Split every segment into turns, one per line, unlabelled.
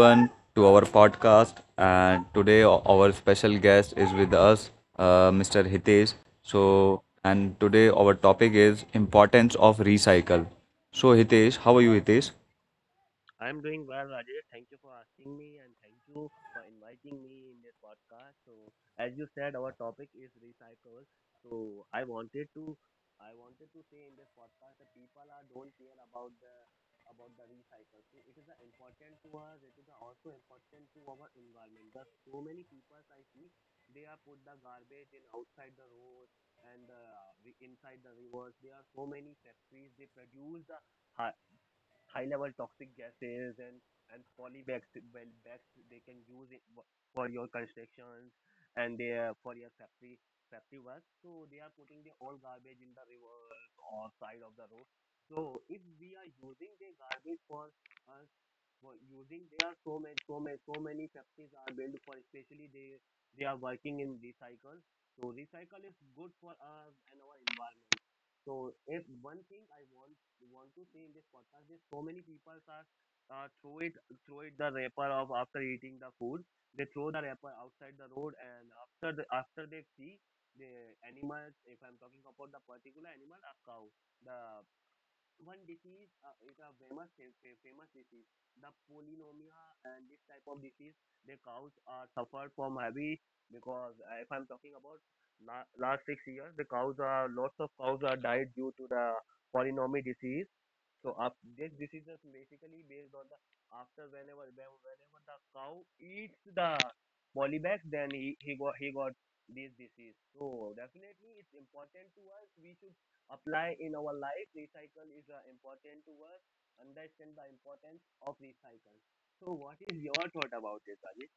To our podcast. And today our special guest is with us, Mr. Hitesh. So, and today our topic is importance of recycle. So, Hitesh, how are you, Hitesh?
I'm doing well, Rajesh. Thank you for asking me and thank you for inviting me in this podcast. So, as you said, our topic is recycle. So, I wanted to say in this podcast that people are don't care about the recycle. So, it is important to us. It is also important to our environment. There are so many people I see they are put the garbage in outside the roads and inside the rivers. There are so many factories. They produce the hi- high level toxic gases and polybags well bags they can use it for your constructions and they are for your safety work so they are putting the old garbage in the rivers or side of the road so if we are using the garbage for us for using there are so many factories are built for especially they are working in recycle so recycle is good for us and our environment so if one thing I want to say in this podcast is so many people are uh, throw it throw it the wrapper of after eating the food. They throw the wrapper outside the road and after the after they see the animals. If I'm talking about the particular animal, a cow. The one disease is a famous disease. The polynomia and this type of disease, the cows are suffered from heavy because if I'm talking about last 6 years, the cows are lots of cows are died due to the polynomial disease so up, this decision is basically based on the after whenever the cow eats the polybag, then he got he got this disease. So definitely it's important to us. We should apply in our life. Recycle is important to us. Understand the importance of recycle. So what is your thought about this, Ajit?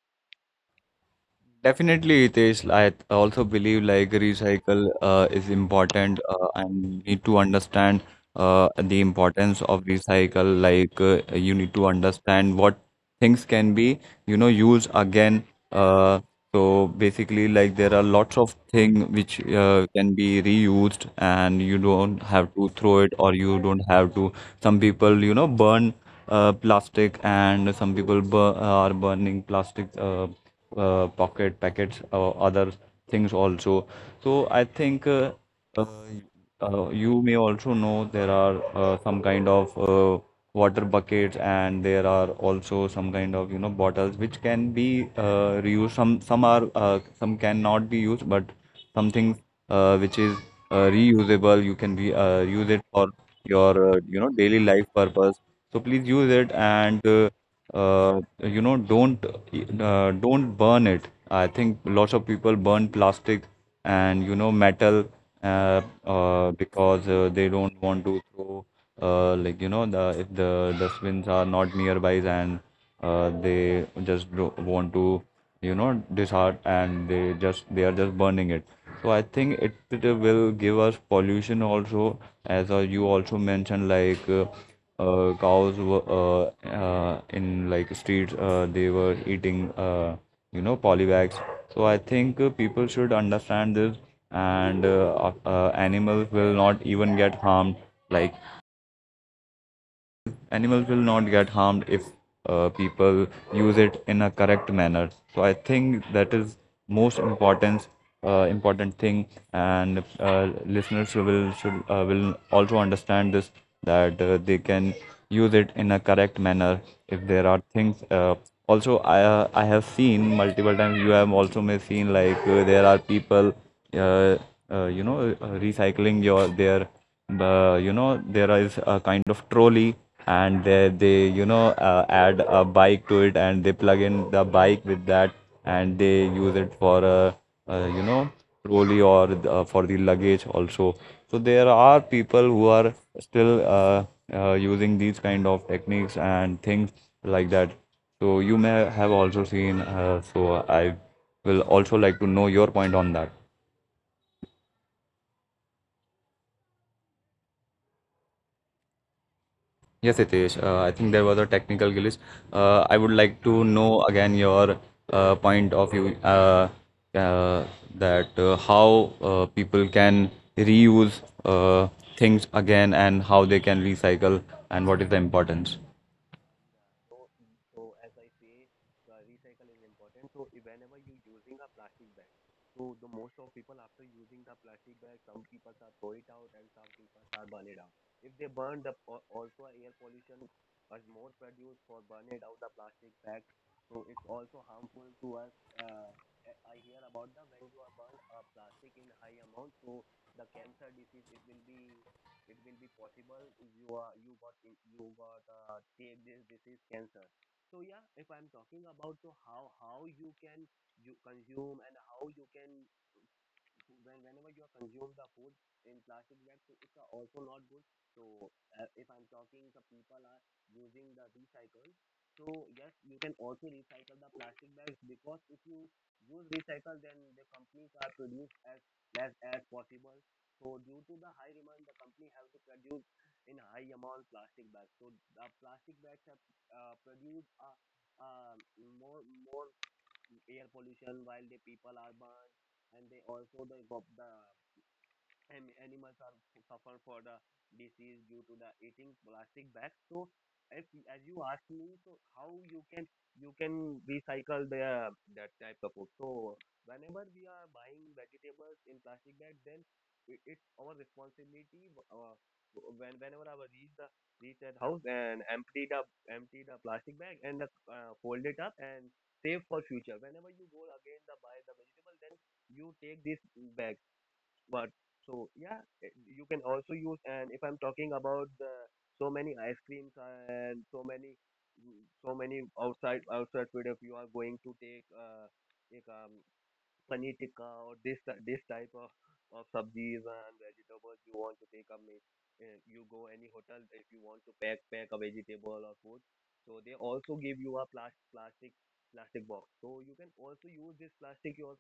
Definitely, Hitesh. I also believe like recycle is important and need to understand the importance of recycle. Like you need to understand what things can be, used again. So basically, like there are lots of things which can be reused, and you don't have to throw it, or you don't have to. Some people, burn plastic, and some people bur are burning plastic. Pocket packets or other things also. So I think uh, you may also know there are some kind of water buckets, and there are also some kind of bottles which can be reused. Some are some cannot be used, but something which is reusable, you can be use it for your daily life purpose, so please use it and don't burn it. I think lots of people burn plastic and metal, because they don't want to throw like the if the dustbins are not nearby, and they just do want to disheart, and they are just burning it. So I think it will give us pollution also. As you also mentioned, like cows were in like streets, they were eating polybags. So I think people should understand this, and animals will not even get harmed, like animals will not get harmed if people use it in a correct manner. So I think that is most important thing, and listeners will also understand this, that they can use it in a correct manner if there are things also. I have seen multiple times, you have also may seen like there are people uh, recycling your their, there is a kind of trolley, and they add a bike to it, and they plug in the bike with that, and they use it for a, uh you know trolley or for the luggage also. So there are people who are still using these kind of techniques and things like that. So you may have also seen, so I will also like to know your point on that. Yes, it is. I think there was a technical glitch. I would like to know again your point of view, uh, that how people can reuse uh, things again, and how they can recycle, and what is the importance.
Yeah. So, as I say, recycle is important. So whenever you're using a plastic bag, so the most of people after using the plastic bag, some people are throw it out and some people are burn it out. If they burn the also air pollution is more produced for burning out the plastic bag. So it's also harmful to us. Uh, I hear about the when you are burn a plastic in high amount, so the cancer disease it will be possible if you are you got take this this is cancer so yeah if I'm talking about so how you can you consume and how you can whenever you consume the food in plastic bags, so it's also not good. So if I'm talking, the people are using the recycle. So yes, you can also recycle the plastic bags because if you use recycle, then the companies are produced as less as possible. So due to the high demand, the company have to produce in high amount plastic bags. So the plastic bags have produced a, uh, more air pollution while the people are burned and they also the, the and animals are suffer for the disease due to the eating plastic bags. So, if as you ask me, so how you can recycle the that type of food? So, whenever we are buying vegetables in plastic bag, then it's our responsibility. Whenever I will reach at house and empty the plastic bag and fold it up and save for future. Whenever you go again the buy the vegetable, then you take this bag but so yeah, you can also use. And if I'm talking about the so many ice creams and so many, so many outside food, if you are going to take paneer tikka or this type of subjis and vegetables you want to take up means, you go any hotel if you want to pack a vegetable or food so they also give you a plastic box so you can also use this plastic your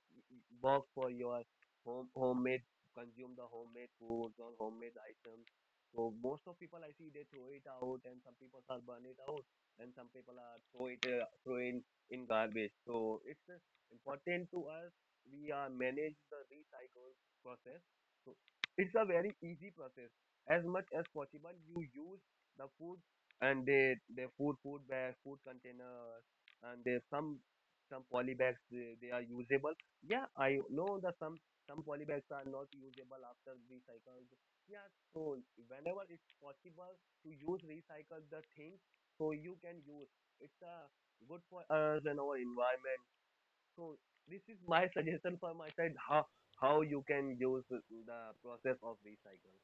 box for your home homemade consume the homemade foods or homemade items so most of people I see they throw it out and some people are burn it out and some people are throw in garbage so it's a important to us we manage the recycle process. So it's a very easy process. As much as possible, you use the food and the food bags, food containers, and there's some poly bags they are usable. Yeah, I know that some poly bags are not usable after recycled. Yeah, so whenever it's possible to use recycle the things, so you can use. It's a good for us and our environment. So this is my suggestion for my side how you can use the process of recycle.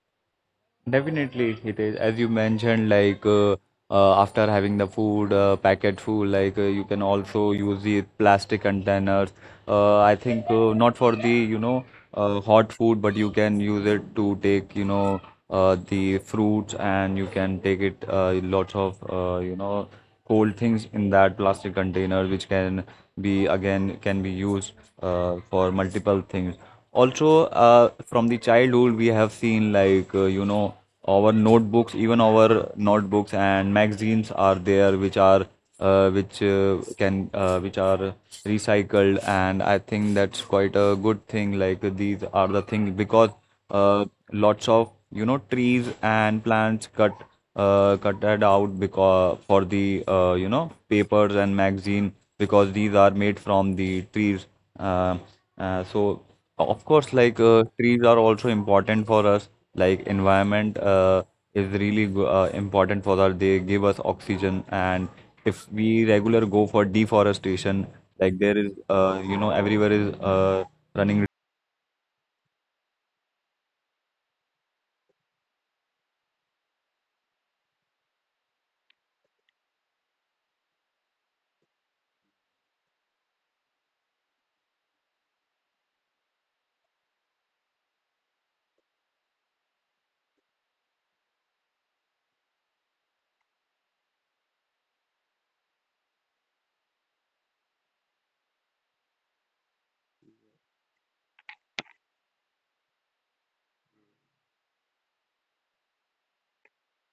Definitely, it is. As you mentioned, like after having the food, packet food, like you can also use the plastic containers. I think not for the, hot food, but you can use it to take, the fruits, and you can take it lots of, cold things in that plastic container, which can be used for multiple things also. From the childhood we have seen, like our notebooks, even our notebooks and magazines are there which are recycled, and I think that's quite a good thing, like these are the things. Because uh, lots of trees and plants cutted out because for the papers and magazine, because these are made from the trees. uh, so of course, like trees are also important for us. Like environment is really important for us. They give us oxygen, and if we regular go for deforestation, like there is, everywhere is running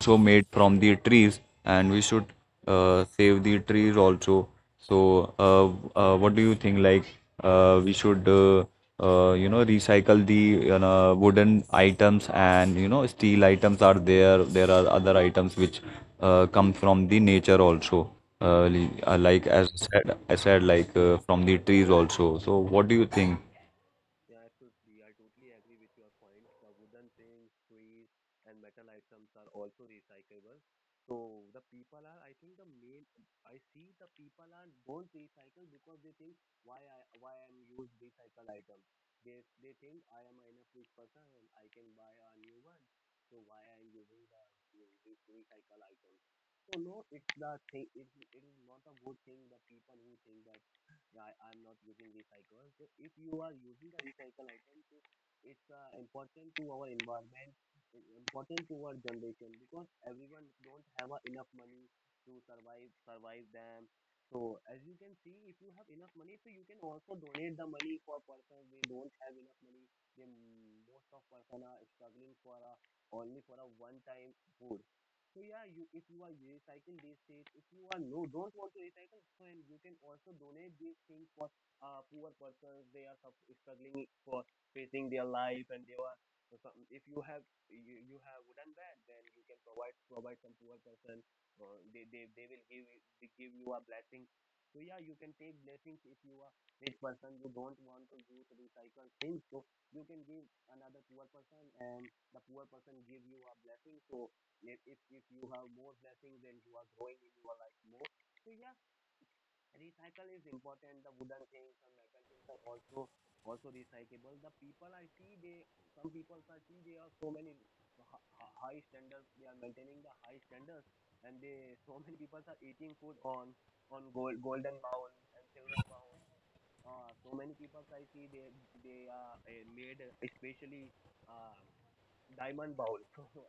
also made from the trees, and we should save the trees also. So what do you think, like we should recycle the wooden items and steel items are there are other items which come from the nature also, uh,
That's it.
like as I said like from the trees also. So what do you think?
Yeah, absolutely. I totally agree with your points. The wooden things, trees, and metal items are also recyclable. So the people are, I think the main, I see the people are don't recycle because they think why I'm use recycle items. They think I am enough rich person and I can buy a new one. So why I'm using the this recycle items? So no, it's the thing. It is not a good thing. The people who think that yeah, I, am not using recycle. So if you are using the recycle item, so it's important to our environment, important to our generation because everyone don't have enough money to survive them. So as you can see, if you have enough money, so you can also donate the money for person they don't have enough money. They most of person are struggling for a, only for a one time food. So yeah, you if you are recycle these things, if you are don't want to recycle, then you can also donate these things for poor persons. They are struggling for facing their life, and they are some, if you have you have wooden bed, then you can provide some poor person. Or they will they give you a blessing. So yeah, you can take blessings if you are rich person. You don't want to use recycle things, so you can give another poor person, and the poor person give you a blessing. So if you have more blessings then you are growing in your life more, so yeah, recycle is important. The wooden things and metal things are also recyclable. The people I see, they some people I see they are so many high standards. They are maintaining the high standards, and they so many people are eating food on golden bowl and silver bowl. So many people I see they are made especially. Um, Diamond Bowl. So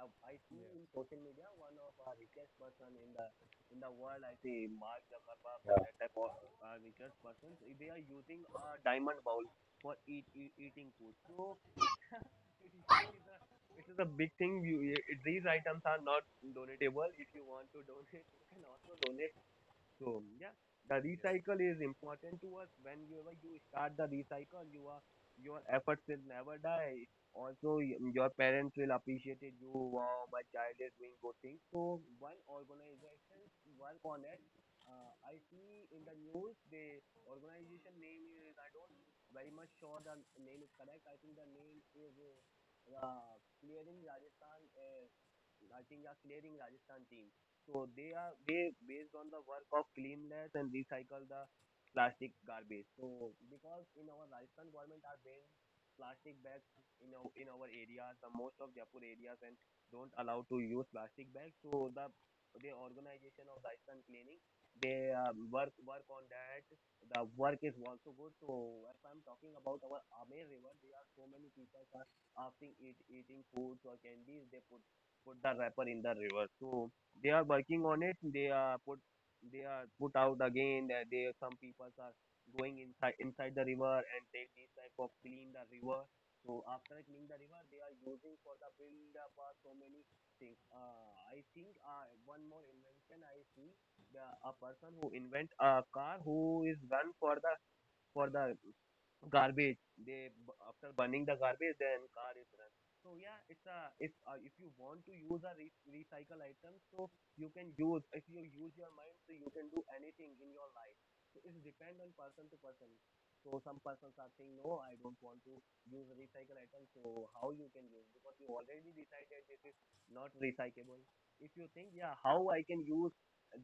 uh, I see in social media one of our richest person in the world. I see Mark Zuckerberg or that type of richest persons. They are using a diamond bowl for eating food. So it is it is a it is a big thing. These items are not donatable. If you want to donate, you can also donate. So yeah, the recycle is important to us. Whenever you start the recycle, you are your efforts will never die. Also, your parents will appreciate it. You, wow, my child is doing good things. So one organization work on it. I see in the news the organization name is I don't very much sure the name is correct. I think the name is uh, uh, Clearing Rajasthan. I think are Clearing Rajasthan team. So they are they based on the work of cleanliness and recycle the plastic garbage. So because in our Rajasthan government are banning plastic bags in our areas, the most of Jaipur areas and don't allow to use plastic bags. So the organization of Rajasthan cleaning they work on that. The work is also good. So if I'm talking about our Amer River, there are so many people are after eating foods or candies, they put the wrapper in the river. So they are working on it. They are put out again. That they some people are going inside the river and take this type of clean the river. So after cleaning the river, they are using for the build up so many things. I think one more invention I see the a person who invent a car who is run for the garbage. They after burning the garbage, then car is run. So yeah, it's a if you want to use a recycle item, so you can use if you use your mind, so you can do anything in your life. So it depends on person to person. So some persons are saying no, I don't want to use recycle item. So how you can use because you already decided this is not recyclable. If you think yeah, how I can use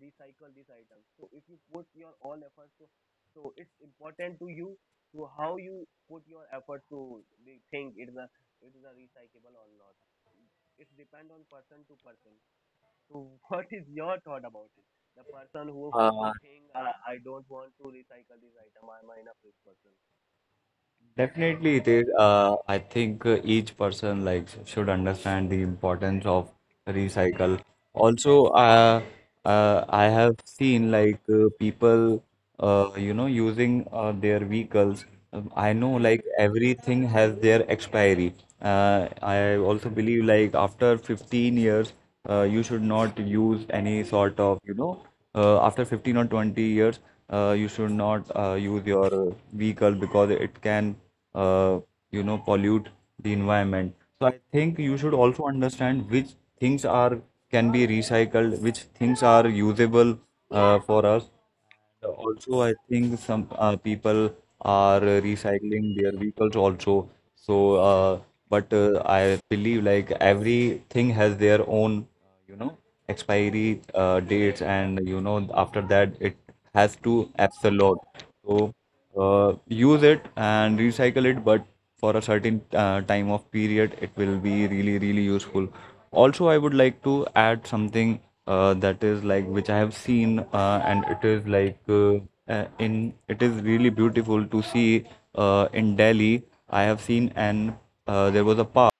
recycle this item. So if you put your all efforts, so so it's important to you to how you put your effort to think it is a recyclable or not. It depends on person to person. So what is your thought about it? The person who
Uh,
who think I don't want to recycle this item, I'm a enough rich person.
Definitely, it is. I think each person like should understand the importance of recycle. Also, I have seen like people, using their vehicles. I know, like everything has their expiry. I also believe like after 15 years, you should not use any sort of, after 15 or 20 years, you should not use your vehicle, because it can uh, pollute the environment. So I think you should also understand which things are can be recycled, which things are usable for us. And also, I think some people are recycling their vehicles also. So uh, but I believe, like everything has their own uh, you know expiry dates, and after that it has to absorb. So use it and recycle it, but for a certain time of period, it will be really, really useful. Also, I would like to add something that is like which I have seen, and it is like in it is really beautiful to see in Delhi. I have seen, and there was a park.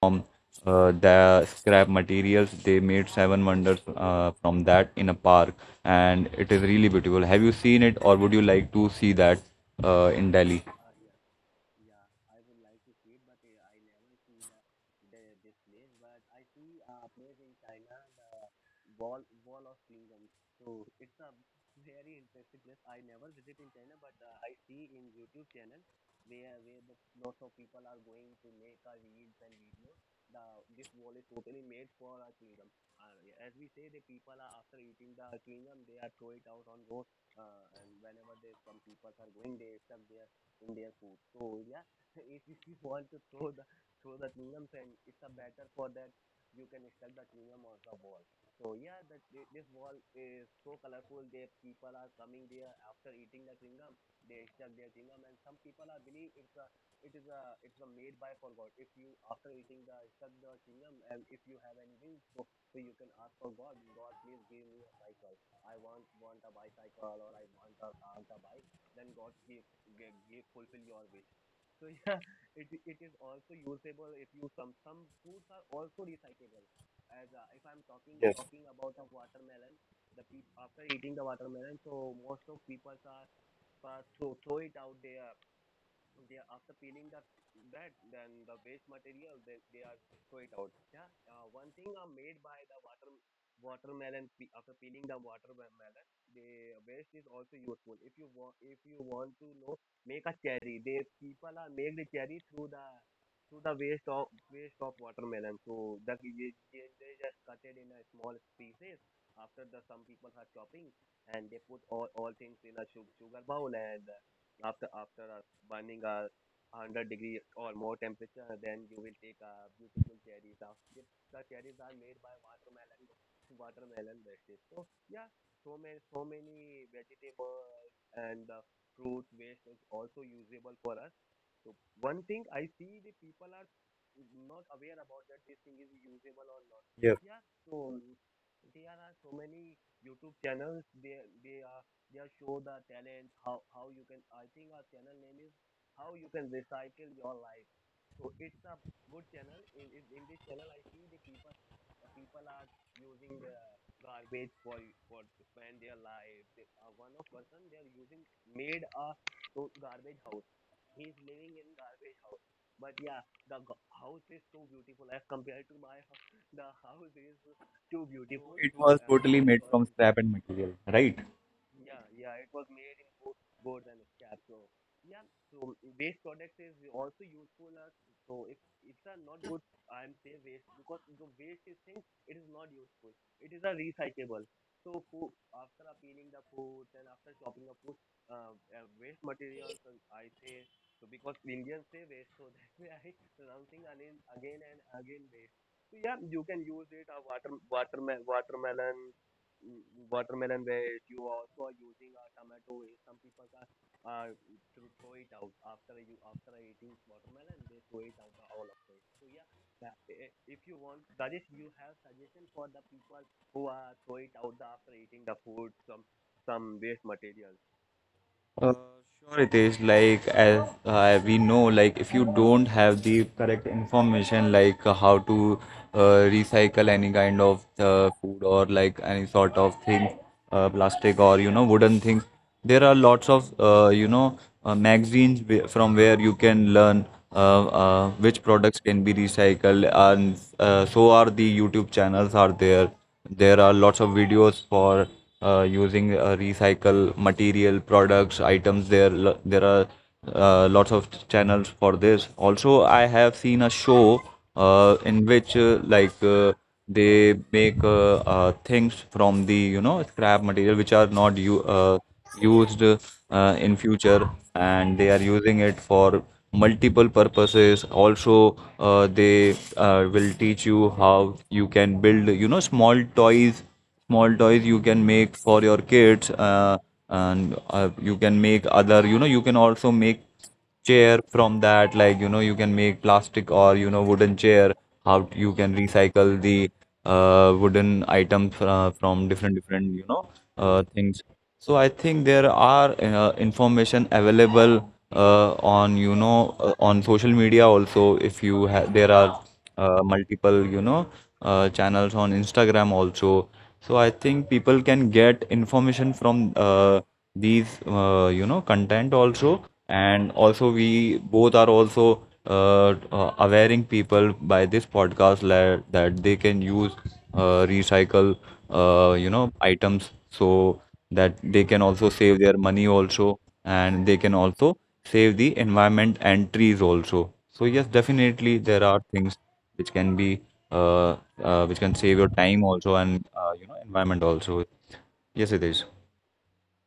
From the scrap materials, they made seven wonders from that in a park, and it is really beautiful. Have you seen it, or would you like to see that in Delhi?
Yeah. Yeah, I would like to see it, but I never see the this place. But I see a place in China, the wall of kingdom. So it's a very interesting place. I never visit in China, but I see in YouTube channel where the lots of people are going to make a reels and videos. The this wall is totally made for a kingdom. Uh, as we say, the people are after eating the kingdom, they are throw it out on road. And whenever there's some people are going, they stuff their in their food. So yeah, if you want to throw the chewing and it's a better for that you can stuck the chewing gum on the wall. So yeah, that this wall is so colorful. They people are coming there after eating the chewing gum. They stuck their chewing gum, and some people are believe it's a it is a it's a made by for God. If you after eating the stuck the chewing gum, and if you have any wish, so you can ask for God. God, please give me a cycle. I want a bicycle or I want want a bike. Then God give get fulfill your wish. So yeah, it is also usable if you some foods are also recyclable. As if I'm talking
Yes,
talking about a watermelon, the people after eating the watermelon, so most of people are throw it out there they after peeling the that then the waste material they are throw it out yeah one thing are made by the watermelon after peeling the watermelon the waste is also useful if you want to know make a cherry they people are make the cherry through the waste of watermelon so they they just cut it in a small pieces after the some people are chopping and they put all things in a sugar bowl and after burning a 100 degree or more temperature then you will take beautiful cherries out. If the cherries are made by watermelon wastage so yeah so many so many vegetables and fruit waste is also usable for us so one thing I see the people are not aware about that this thing is usable or not
yes.
yeah so there are so many YouTube channels they are just show the talent how you can I think our channel name is how you can recycle your life so it's a good channel in in this channel I see the people people are using the garbage for to spend their life they one of person they are using made a so garbage house. He is living in garbage house but yeah the house is so beautiful as compared to my house the house is too
So
beautiful
it was totally
I
made from
also
scrap and material, right?
yeah, it was made in gourd and scrap. So yeah, so waste product is also useful. As, so if it's are not good, I'm say waste because the waste is thing. It is not useful. It is a recyclable. So food, after peeling the food and after chopping the food, waste materials. I say so because Indians say waste, so that's why I pronouncing again and again waste. So yeah, you can use it. A watermelon, watermelon where you also are using a tomato some people are to throw it out after you after eating watermelon they throw it out all of it so yeah that, if you want that is you have suggestion for the people who are throw it out the after eating the food some waste material.
Uh, sure, it is, like as we know, like if you don't have the correct information, like how to uh, recycle any kind of food, or like any sort of thing, plastic or wooden things, there are lots of magazines from where you can learn, which products can be recycled, and so are the YouTube channels are there are lots of videos for using recycle material, products, items. There are lots of channels for this. Also, I have seen a show in which like they make things from the scrap material which are not used in future, and they are using it for multiple purposes also. They will teach you how you can build small toys, small toys you can make for your kids, and you can make other, you can also make chair from that, like you can make plastic or wooden chair, how you can recycle the wooden items from different different things. So I think there are information available on on social media also. If you ha There are multiple channels on Instagram also. So I think people can get information from these content also. And also, we both are also uh, awareing people by this podcast, that they can use recycle items, so that they can also save their money also, and they can also save the environment and trees also. So yes, definitely there are things which can be uh, which can save your time also, and environment also. Yes, it is.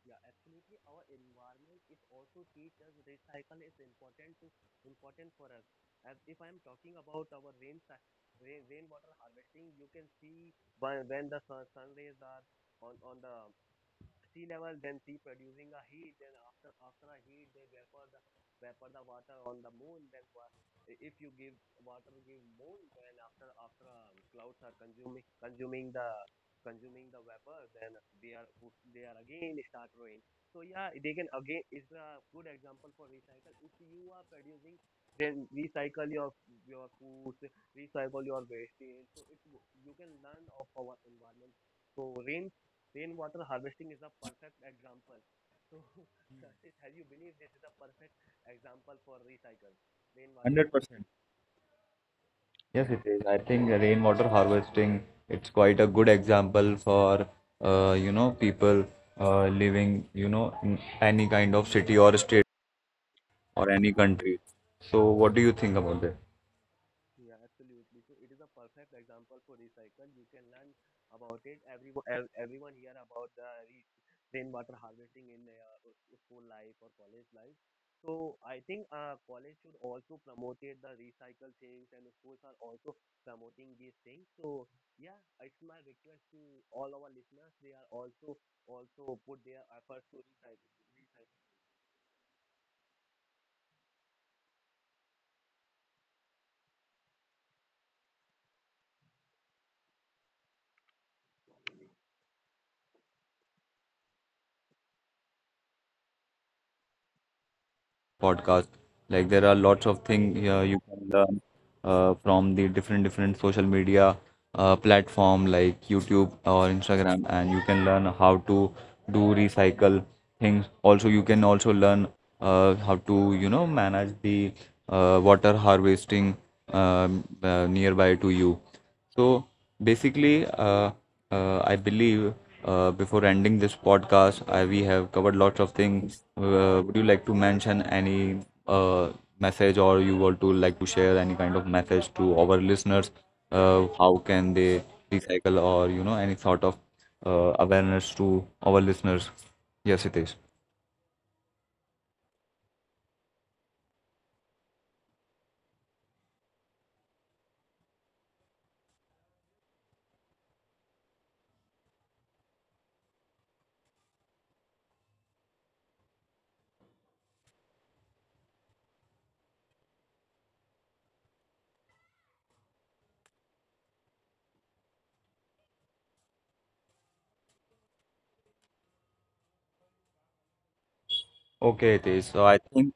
Yeah, absolutely. Our environment it also teaches recycle is important to important for us. As if I'm talking about our rainwater harvesting, you can see when the sun rays are on the sea level, then sea producing a heat, then after a heat they vapor the water on the moon. Then if you give water give moon, then after clouds are consuming the vapor, then they are again start rain. So yeah, they can again is a good example for recycle. If you are producing, then recycle your foods, recycle your waste. So it you can learn of our environment. So Rainwater harvesting is a perfect example. So, Rashid, have you believed this is a perfect example for recycle rainwater harvesting?
100%. Yes, it is. I think rainwater harvesting, it's quite a good example for people living in any kind of city or state or
Yeah.
any country. So what do you think about that?
Yeah, absolutely. So it is a perfect example for recycle. You can learn about it. Everyone, everyone here about the rainwater harvesting in their school life or college life. So I think college should also promote it, the recycle things, and schools are also promoting these things. So yeah, it's my request to all our listeners. They are also put their efforts to recycle.
Podcast. Like there are lots of things you can learn from the different different social media platform like YouTube or Instagram, and you can learn how to do recycle things. Also, you can also learn how to manage the water harvesting nearby to you. So basically, I believe before ending this podcast, we have covered lots of things. Would you like to mention any uh, message, or you want to like share any kind of message to our listeners? How can they recycle, or any sort of awareness to our listeners? Yes, it is. Okay, it is. So I think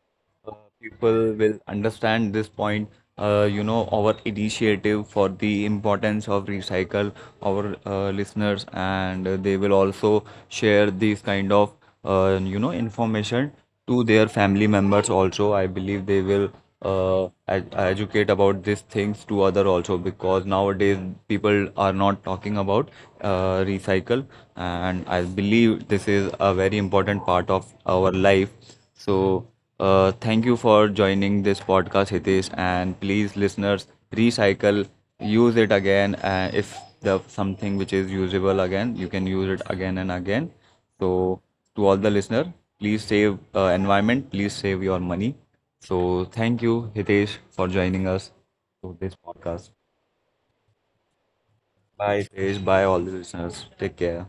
uh, people will understand this point. Our initiative for the importance of recycle, our listeners, and they will also share these kind of information to their family members also. I believe they will educate about these things to other also, because nowadays people are not talking about recycle, and I believe this is a very important part of our life. So thank you for joining this podcast, Hitesh, and please listeners, recycle, use it again. If the something which is usable again, you can use it again and again. So to all the listener, please save environment, please save your money. So thank you, Hitesh, for joining us to this podcast. Bye, Hitesh. Bye, all the listeners. Take care.